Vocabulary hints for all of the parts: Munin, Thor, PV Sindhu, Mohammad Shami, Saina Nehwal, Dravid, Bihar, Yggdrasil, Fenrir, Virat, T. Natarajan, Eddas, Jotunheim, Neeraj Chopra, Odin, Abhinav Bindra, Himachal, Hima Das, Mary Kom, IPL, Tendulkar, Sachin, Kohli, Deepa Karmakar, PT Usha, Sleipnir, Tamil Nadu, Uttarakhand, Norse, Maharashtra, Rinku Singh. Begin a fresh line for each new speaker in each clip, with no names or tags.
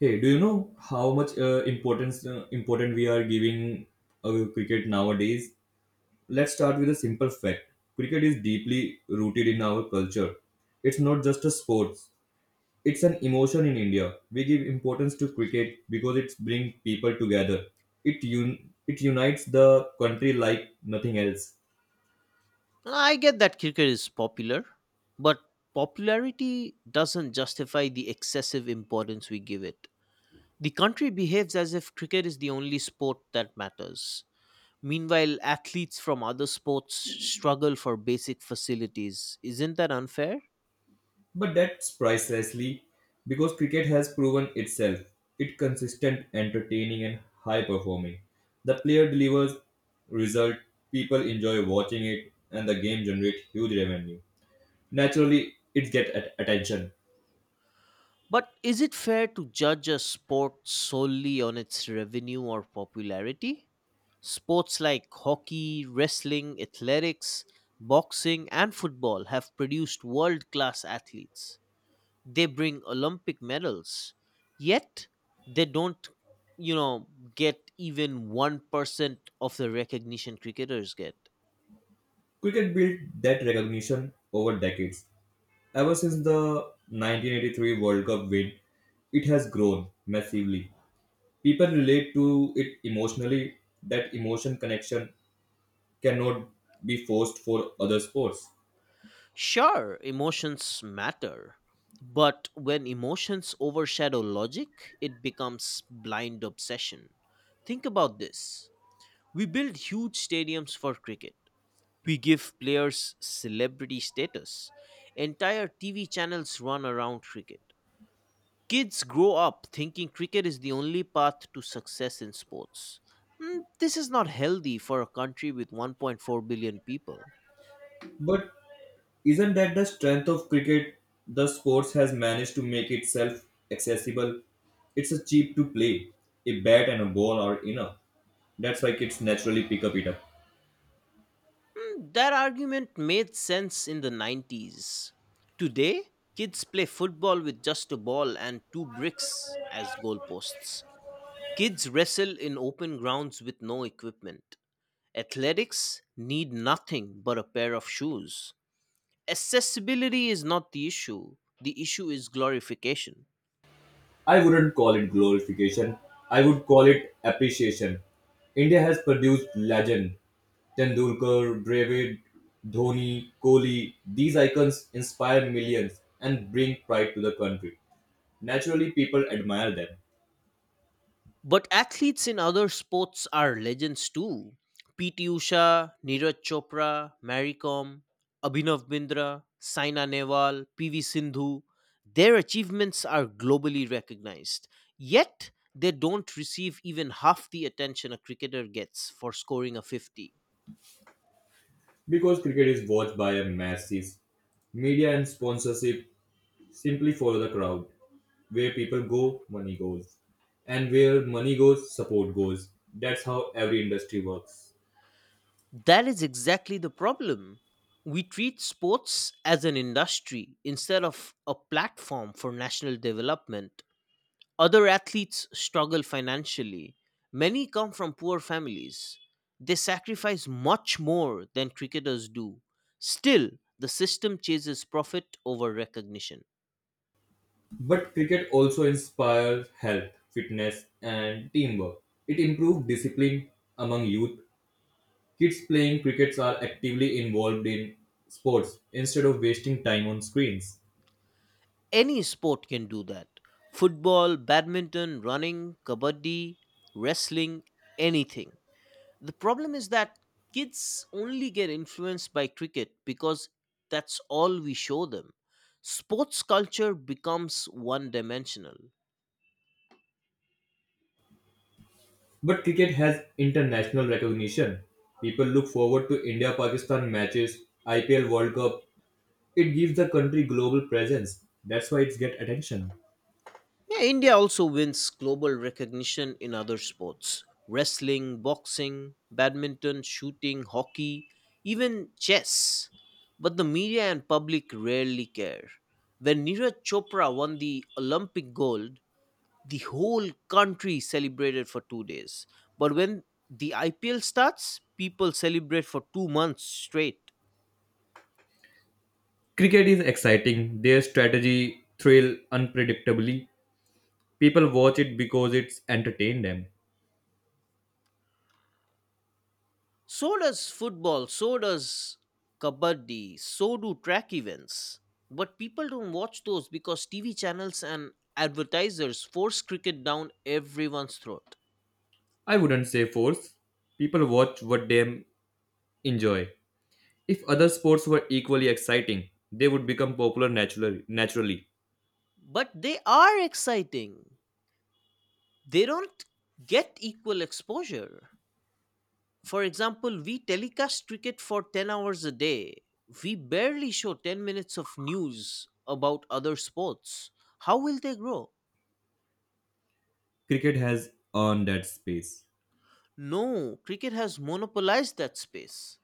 Hey, do you know how much importance important we are giving cricket nowadays? Let's start with a simple fact. Cricket is deeply rooted in our culture. It's not just a sport; it's an emotion in India. We give importance to cricket because it brings people together. It un- it unites the country like nothing else.
I get that cricket is popular, but popularity doesn't justify the excessive importance we give it. The country behaves as if cricket is the only sport that matters. Meanwhile, athletes from other sports struggle for basic facilities. Isn't that unfair?
But that's pricelessly because cricket has proven itself. It's consistent, entertaining, and high performing. The player delivers result, people enjoy watching it, and the game generates huge revenue. Naturally, it gets attention.
But is it fair to judge a sport solely on its revenue or popularity? Sports like hockey, wrestling, athletics, boxing, and football have produced world class athletes. They bring Olympic medals, yet they don't, you know, get even 1% of the recognition cricketers get.
Cricket built that recognition over decades. Ever since the 1983 World Cup win, it has grown massively. People relate to it emotionally. That emotion connection cannot be forced for other sports.
Sure, emotions matter, but when emotions overshadow logic, it becomes blind obsession. Think about this: we build huge stadiums for cricket, we give players celebrity status, entire TV channels run around cricket. Kids grow up thinking cricket is the only path to success in sports. This is not healthy for a country with 1.4 billion people.
But isn't that the strength of cricket? The sports has managed to make itself accessible. It's a cheap to play. A bat and a ball are enough. That's why kids naturally pick up it up.
That argument made sense in the 90s. Today, kids play football with just a ball and two bricks as goalposts. Kids wrestle in open grounds with no equipment. Athletics need nothing but a pair of shoes. Accessibility is not the issue; the issue is glorification.
I wouldn't call it glorification. I would call it appreciation. India has produced legend. Tendulkar, Dravid, Dhoni, Kohli. These icons inspire millions and bring pride to the country. Naturally, people admire them
But athletes in other sports are legends too: PT Usha, Neeraj Chopra, Mary Kom, Abhinav Bindra, Saina Nehwal, PV Sindhu. Their achievements are globally recognized. Yet they don't receive even half the attention a cricketer gets for scoring a 50.
because cricket is watched by a masses. Media and sponsorship simply follow the crowd. Where people go, money goes. And where money goes, support goes. That's how every industry works.
That is exactly the problem. We treat sports as an industry instead of a platform for national development. Other athletes struggle financially. Many come from poor families. They sacrifice much more than cricketers do. Still, the system chases profit over recognition.
But cricket also inspires health, fitness, and teamwork. It improves discipline among youth. Kids playing crickets are actively involved in sports instead of wasting time on screens.
Any sport can do that: football, badminton, running, kabaddi, wrestling, anything. The problem is that kids only get influenced by cricket because that's all we show them. Sports culture becomes one dimensional.
But cricket has international recognition. People look forward to India Pakistan matches, IPL World Cup. It gives the country global presence. That's why it's get attention.
Yeah, India also wins global recognition in other sports: wrestling, boxing, badminton, shooting, hockey, even chess. But the media and public rarely care. When Neeraj Chopra won the Olympic gold, the whole country celebrated for 2 days. But when the IPL starts, people celebrate for 2 months straight.
Cricket is exciting. Their strategy, thrill, unpredictably. People watch it because it's entertain them.
So does football, so does kabaddi, so do track events. But people don't watch those because TV channels and advertisers force cricket down everyone's throat.
I wouldn't say force. People watch what them enjoy. If other sports were equally exciting, they would become popular naturally. Naturally,
But they are exciting. They don't get equal exposure. For example, we telecast cricket for 10 hours a day. We barely show 10 minutes of news about other sports. How will they grow?
cricket has earned that space.
No, cricket has monopolized that space.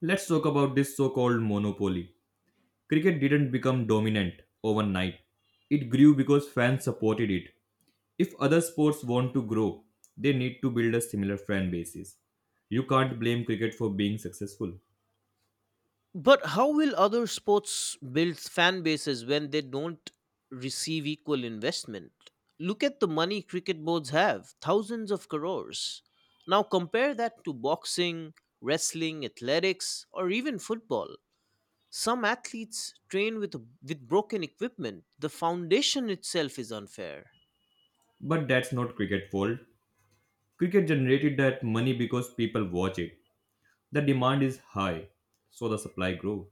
Let's talk about this so called monopoly. Cricket didn't become dominant overnight. It grew because fans supported it. If other sports want to grow, they need to build a similar fan basis. You can't blame cricket for being successful.
But how will other sports build fan bases when they don't receive equal investment? Look at the money cricket boards have: thousands of crores. Now compare that to boxing, wrestling, athletics, or even football. Some athletes train with broken equipment. The foundation itself is unfair.
But that's not cricket's fault. Cricket generated that money because people watch it. The demand is high, so the supply grows.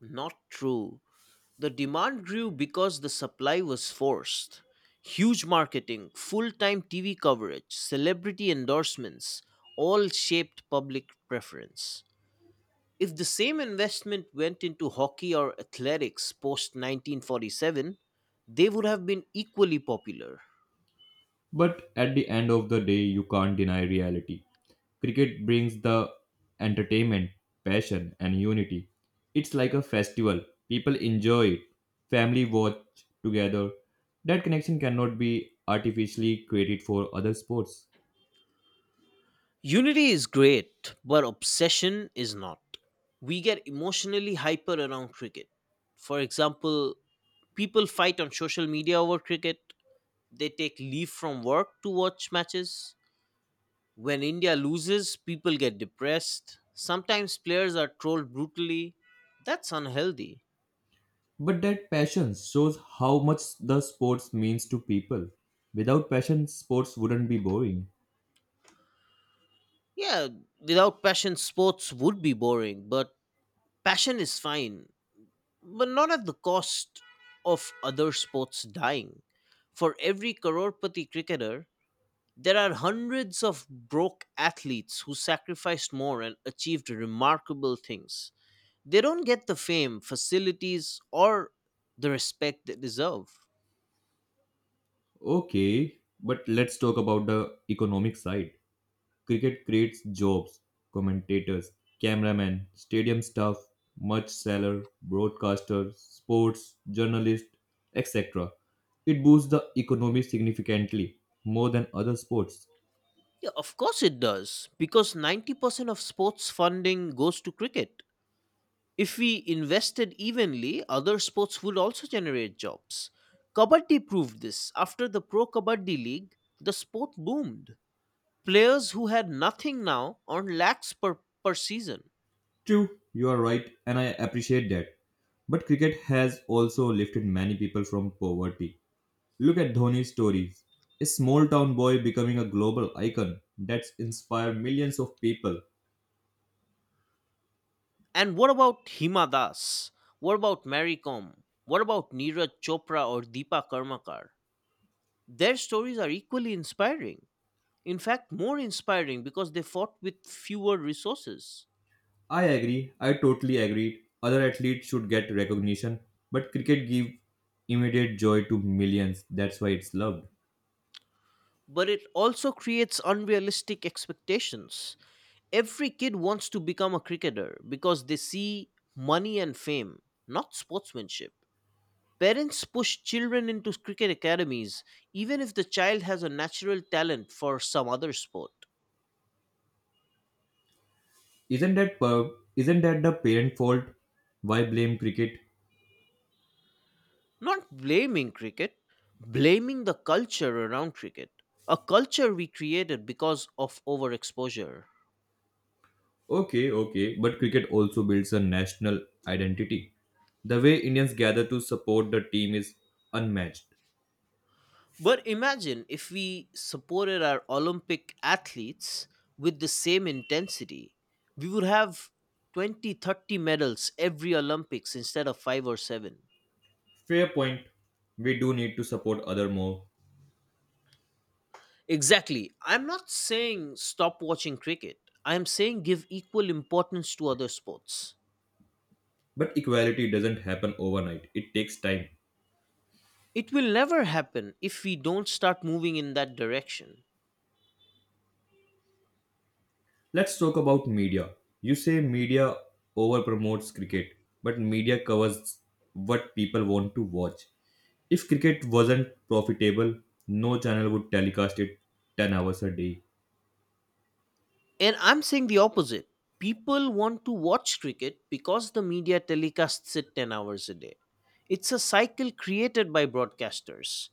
Not true. The demand grew because the supply was forced. Huge marketing, full time TV coverage, celebrity endorsements all shaped public preference. If the same investment went into hockey or athletics post 1947, they would have been equally popular.
But at the end of the day, you can't deny reality. Cricket brings the entertainment, passion, and unity. It's like a festival. People enjoy it. Family watch together. That connection cannot be artificially created for other sports.
Unity is great, but obsession is not. We get emotionally hyper around cricket. For example, people fight on social media over cricket, they take leave from work to watch matches. When India loses, people get depressed. Sometimes players are trolled brutally. That's unhealthy.
But that passion shows how much the sports means to people. Without passion, sports wouldn't be boring.
Yeah, without passion, sports would be boring, but passion is fine, but not at the cost of other sports dying. For every crorepati cricketer, there are hundreds of broke athletes who sacrificed more and achieved remarkable things. They don't get the fame, facilities, or the respect they deserve.
Okay, but let's talk about the economic side. Cricket creates jobs, commentators, cameramen, stadium staff, merch seller, broadcasters, sports, journalists, etc. It boosts the economy significantly, more than other sports.
Yeah, of course it does, because 90% of sports funding goes to cricket. If we invested evenly, other sports would also generate jobs. Kabaddi proved this. After the Pro Kabaddi League, the sport boomed. Players who had nothing now earn lakhs per season.
True, you are right, and I appreciate that. But cricket has also lifted many people from poverty. Look at Dhoni's stories. A small town boy becoming a global icon that's inspired millions of people.
And what about Hima Das? What about Mary Kom? What about Neeraj Chopra or Deepa Karmakar? Their stories are equally inspiring. In fact, more inspiring because they fought with fewer resources.
I agree. I totally agree. Other athletes should get recognition, but cricket gives immediate joy to millions. That's why it's loved.
But it also creates unrealistic expectations. Every kid wants to become a cricketer because they see money and fame, not sportsmanship. Parents push children into cricket academies even if the child has a natural talent for some other sport.
Isn't that per- isn't that the parent fault? Why blame cricket?
Not blaming cricket, blaming the culture around cricket. A culture we created because of overexposure.
Okay, okay, but cricket also builds a national identity. The way Indians gather to support the team is unmatched.
But imagine if we supported our Olympic athletes with the same intensity, we would have 20, 30 medals every Olympics instead of 5 or 7.
Fair point. We do need to support other more,
Exactly. I'm not saying stop watching cricket. I'm saying give equal importance to other sports.
but equality doesn't happen overnight. It takes time.
It will never happen if we don't start moving in that direction.
Let's talk about media. You say media over promotes cricket, but media covers what people want to watch. If cricket wasn't profitable, no channel would telecast it 10 hours a day.
And I'm saying the opposite. People want to watch cricket because the media telecasts it 10 hours a day. It's a cycle created by broadcasters.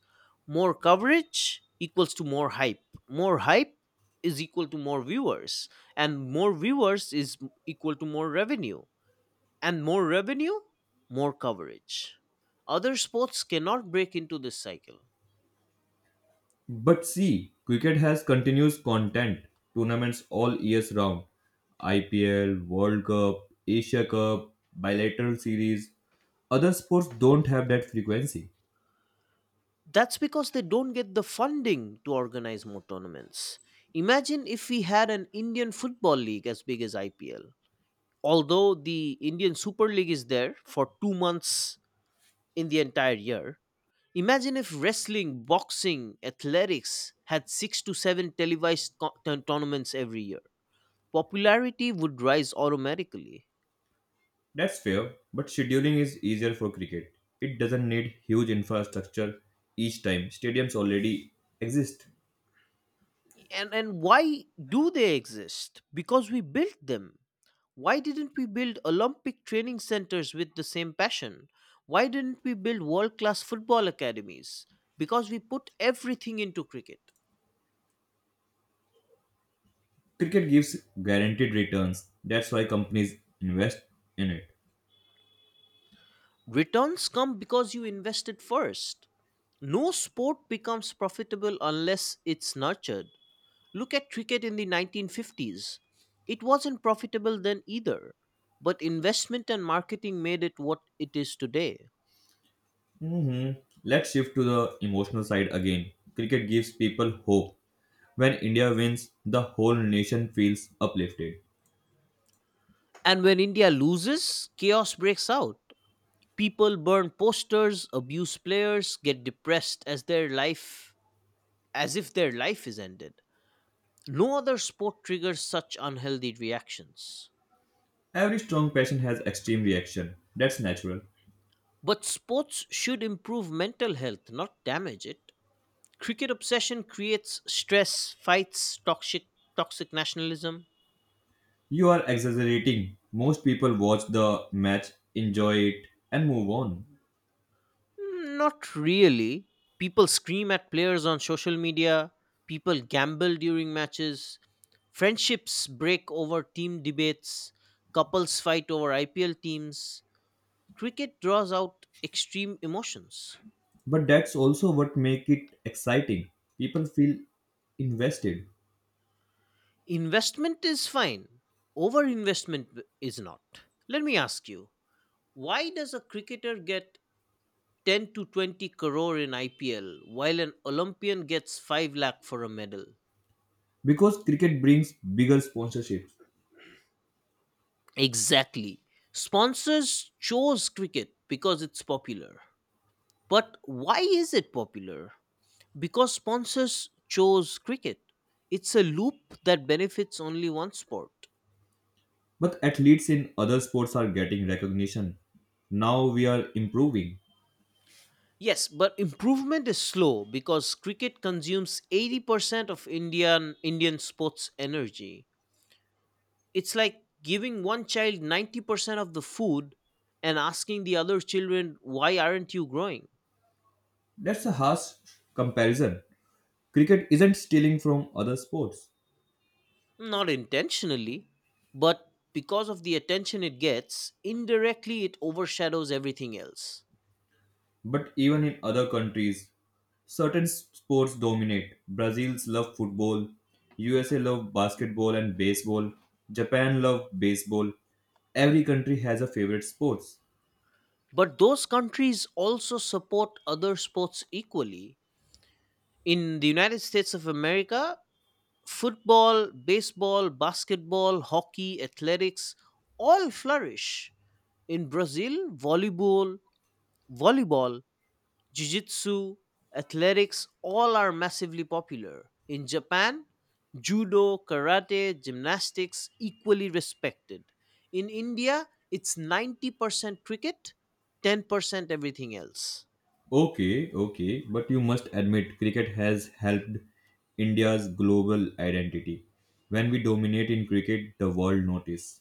More coverage equals to more hype. More hype is equal to more viewers. And more viewers is equal to more revenue. And more revenue, more coverage. Other sports cannot break into this cycle.
But see, cricket has continuous content, tournaments all years round. IPL, World Cup, Asia Cup, bilateral series. Other sports don't have that frequency.
That's because they don't get the funding to organize more tournaments. Imagine if we had an Indian Football League as big as IPL. Although the Indian Super League is there for 2 months in the entire year, imagine if wrestling, boxing, athletics had six to seven televised tournaments every year. Popularity would rise automatically.
That's fair, but scheduling is easier for cricket. It doesn't need huge infrastructure each time. Stadiums already exist.
And why do they exist? Because we built them. Why didn't we build Olympic training centers with the same passion? Why didn't we build world class football academies? Because we put everything into cricket.
Cricket gives guaranteed returns. That's why companies invest in it.
Returns come because you invested first. No sport becomes profitable unless it's nurtured. Look at cricket in the 1950s; it wasn't profitable then either, but investment and marketing made it what it is today.
Mhm. Let's shift to the emotional side again. Cricket gives people hope. When India wins, the whole nation feels uplifted.
And when India loses, chaos breaks out. People burn posters, abuse players, get depressed as if their life is ended. No other sport triggers such unhealthy reactions.
Every strong passion has extreme reaction. That's natural.
But sports should improve mental health, not damage it. Cricket obsession creates stress, fights, toxic nationalism.
You are exaggerating. Most people watch the match, enjoy it, and move on.
Mm, not really. People scream at players on social media, people gamble during matches, friendships break over team debates, couples fight over IPL teams. Cricket draws out extreme emotions.
But that's also what make it exciting. People feel invested
Investment is fine, is not. Let me ask you, why does a cricketer get 10 to 20 crore in IPL while an Olympian gets 5 lakh for a medal?
because cricket brings bigger sponsorships.
Exactly. Sponsors chose cricket because it's popular. But why is it popular? Because sponsors chose cricket. It's a loop that benefits only one sport.
But athletes in other sports are getting recognition now, we are improving.
Yes, but improvement is slow because cricket consumes 80% of Indian sports energy. It's like giving one child 90% of the food and asking the other children, "Why aren't you growing?"
That's a harsh comparison. Cricket isn't stealing from other sports.
Not intentionally, but because of the attention it gets, indirectly it overshadows everything else.
But even in other countries certain sports dominate. Brazils love football, USA love basketball and baseball, Japan love baseball. Every country has a favorite sports.
But those countries also support other sports equally. In the United States of America, football, baseball, basketball, hockey, athletics all flourish. In Brazil, volleyball, jiu-jitsu, athletics all are massively popular. In Japan, judo, karate, gymnastics equally respected. In India, it's 90% cricket, 10% everything else.
Okay, okay, but you must admit cricket has helped India's global identity. When we dominate in cricket, the world notice.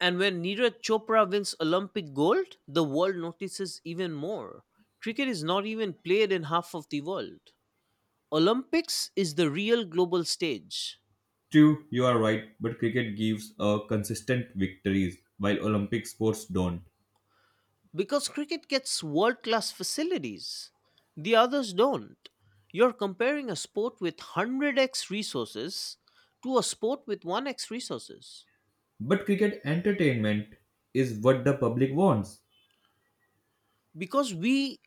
And when Neeraj Chopra wins Olympic gold, the world notices even more. Cricket is not even played in half of the world. Olympics is the real global stage.
True, you are right, but cricket gives a consistent victories while Olympic sports don't.
Because cricket gets world class facilities. The others don't. You're comparing a sport with 100x resources to a sport with 1x resources.
But cricket entertainment is what the public wants.
Because we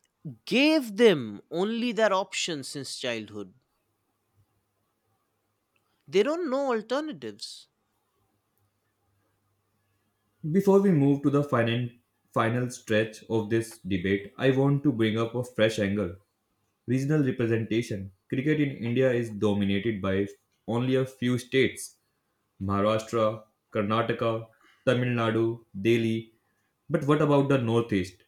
gave them only that option since childhood. They don't know alternatives.
Before we move to the final stretch of this debate, I want to bring up a fresh angle. Regional representation. Cricket in India is dominated by only a few states: Maharashtra, Karnataka, Tamil Nadu, Delhi. But what about the Northeast?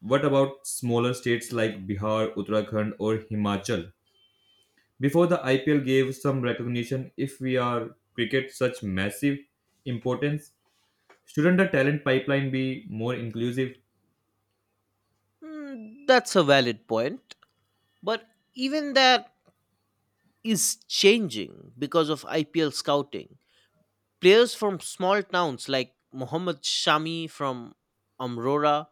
What about smaller states like Bihar, Uttarakhand, or Himachal? Before the IPL gave some recognition, if we are cricket such massive importance, shouldn't the talent pipeline be more inclusive?
Hmm, that's a valid point, but even that is changing because of IPL scouting. Players from small towns like Mohammad Shami from Amrora,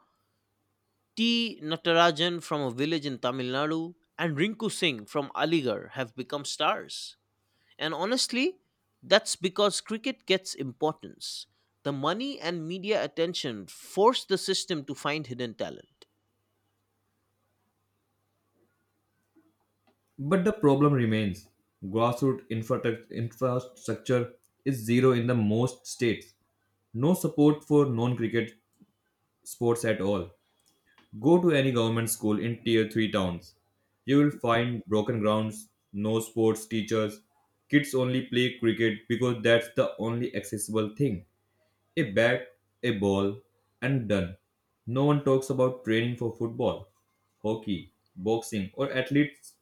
T. Natarajan from a village in Tamil Nadu, and Rinku Singh from Aligarh have become stars. And honestly, that's because cricket gets importance. The money and media attention force the system to find hidden talent.
But the problem remains. Grassroots infrastructure is zero in the most states. No support for non cricket sports at all. Go to any government school in tier 3 towns. You will find broken grounds, no sports teachers, kids only play cricket because that's the only accessible thing. A bat, a ball, and done. No one talks about training for football, hockey, boxing, or athletes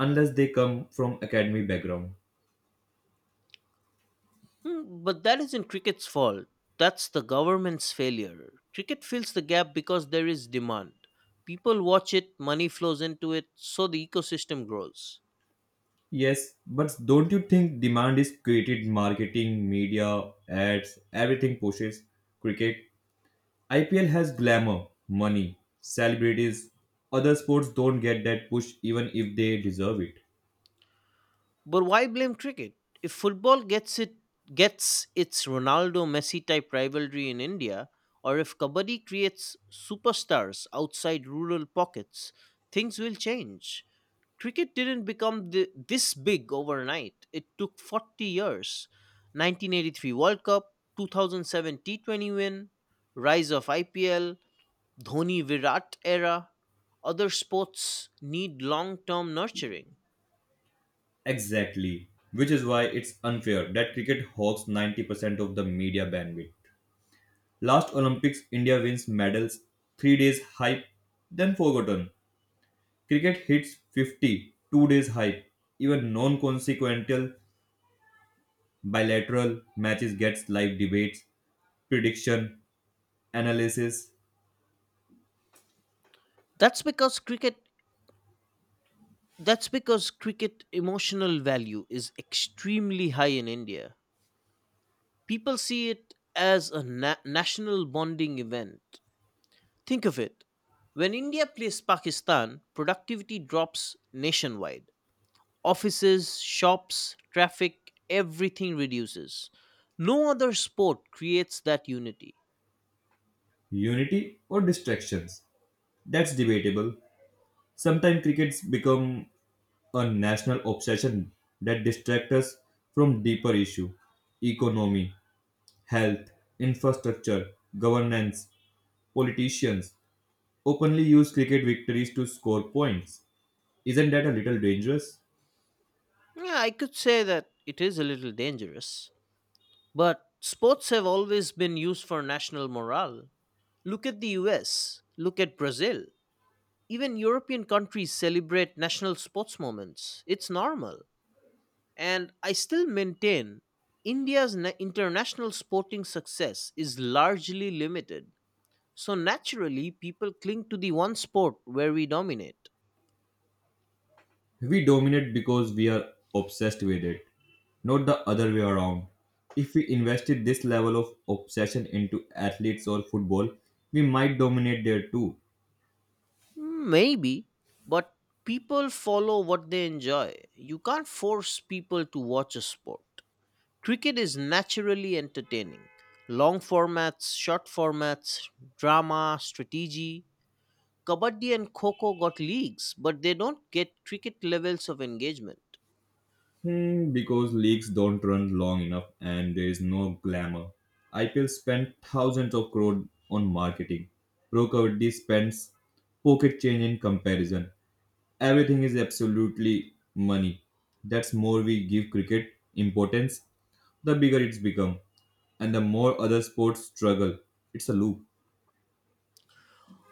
unless they come from academy background.
Hmm, but that isn't cricket's fault. That's the government's failure. Cricket fills the gap because there is demand. People watch it, money flows into it, so the ecosystem grows.
Yes, but don't you think demand is created marketing, media, ads, everything pushes cricket. IPL has glamour, money, celebrities. Other sports don't get that push even if they deserve it.
But why blame cricket? If football gets its Ronaldo Messi type rivalry in India, or if kabaddi creates superstars outside rural pockets, things will change. Cricket didn't become this big overnight. It took 40 years: 1983 World Cup, 2007 T20 win, rise of IPL, Dhoni Virat era. Other sports need long term nurturing.
Exactly. Which is why it's unfair that cricket hogs 90% of the media bandwidth. Last Olympics, India wins medals, 3 days hype, then forgotten. Cricket hits 50, 2 days hype. Even non consequential bilateral matches gets live debates, prediction, analysis,
That's because cricket That's because cricket emotional value is extremely high in India. People see it as a national bonding event. Think of it. When India plays Pakistan, productivity drops nationwide. Offices, shops, traffic, everything reduces. No other sport creates that unity.
unity, or distractions. That's debatable. Sometimes crickets become a national obsession that distracts us from deeper issue: economy, health, infrastructure, governance, politicians openly use cricket victories to score points. Isn't that a little dangerous?
Yeah, I could say that it is a little dangerous, but sports have always been used for national morale. Look at the US, look at Brazil. Even European countries celebrate national sports moments. It's normal. And I still maintain India's international sporting success is largely limited. So naturally, people cling to the one sport where we dominate.
We dominate because we are obsessed with it, not the other way around. If we invested this level of obsession into athletes or football, we might dominate there too.
Maybe, but people follow what they enjoy. You can't force people to watch a sport. Cricket is naturally entertaining. Long formats, short formats, drama, strategy. Kabaddi and Kho Kho got leagues, but they don't get cricket levels of engagement.
Hmm, because leagues don't run long enough and there is no glamour. IPL spent thousands of crore on marketing. Pro Kabaddi spends pocket change in comparison. Everything is absolutely money. That's more we give cricket importance, the bigger it's become, and the more other sports struggle. It's a loop.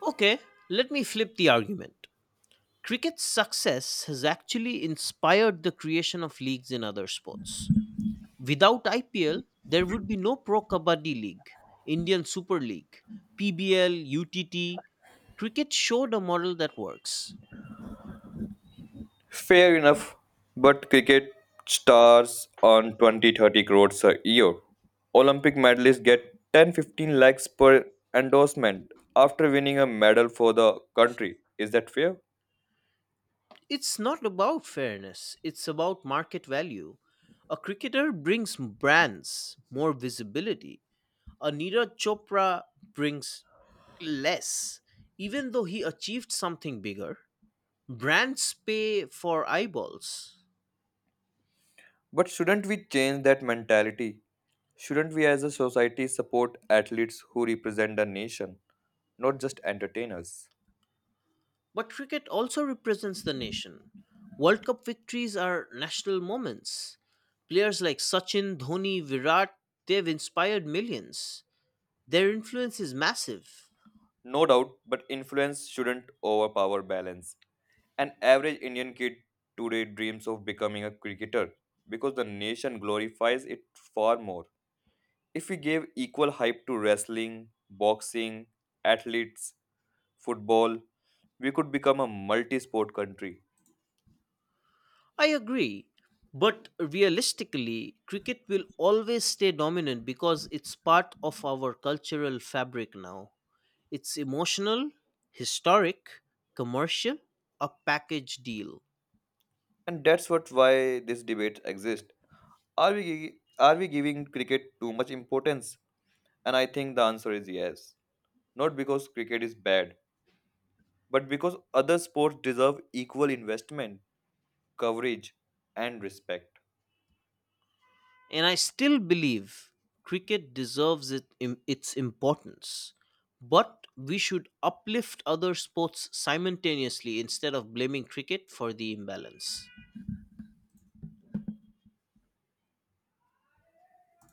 Okay, let me flip the argument. Cricket's success has actually inspired the creation of leagues in other sports. Without IPL, there would be no Pro Kabaddi League, Indian Super League, PBL, UTT. Cricket showed a model that works.
Fair enough, but cricket stars earn 20-30 crores a year. Olympic medalists get 10-15 lakhs per endorsement after winning a medal for the country. Is that fair?
It's not about fairness, it's about market value. A cricketer brings brands more visibility. A Neeraj Chopra brings less. Even though he achieved something bigger, brands pay for eyeballs.
But shouldn't we change that mentality? Shouldn't we as a society support athletes who represent the nation, not just entertainers?
But cricket also represents the nation. World Cup victories are national moments. Players like Sachin, Dhoni, Virat, they've inspired millions. Their influence is massive.
No doubt, but influence shouldn't overpower balance. An average Indian kid today dreams of becoming a cricketer because the nation glorifies it far more. If we gave equal hype to wrestling, boxing, athletes, football, we could become a multi-sport country.
I agree. But realistically, cricket will always stay dominant because it's part of our cultural fabric now. It's emotional, historic, commercial, a package deal.
And that's what why this debate exists. Are we giving cricket too much importance? And I think the answer is yes. Not because cricket is bad, but because other sports deserve equal investment, coverage, and respect.
And I still believe cricket deserves its importance. But we should uplift other sports simultaneously instead of blaming cricket for the imbalance.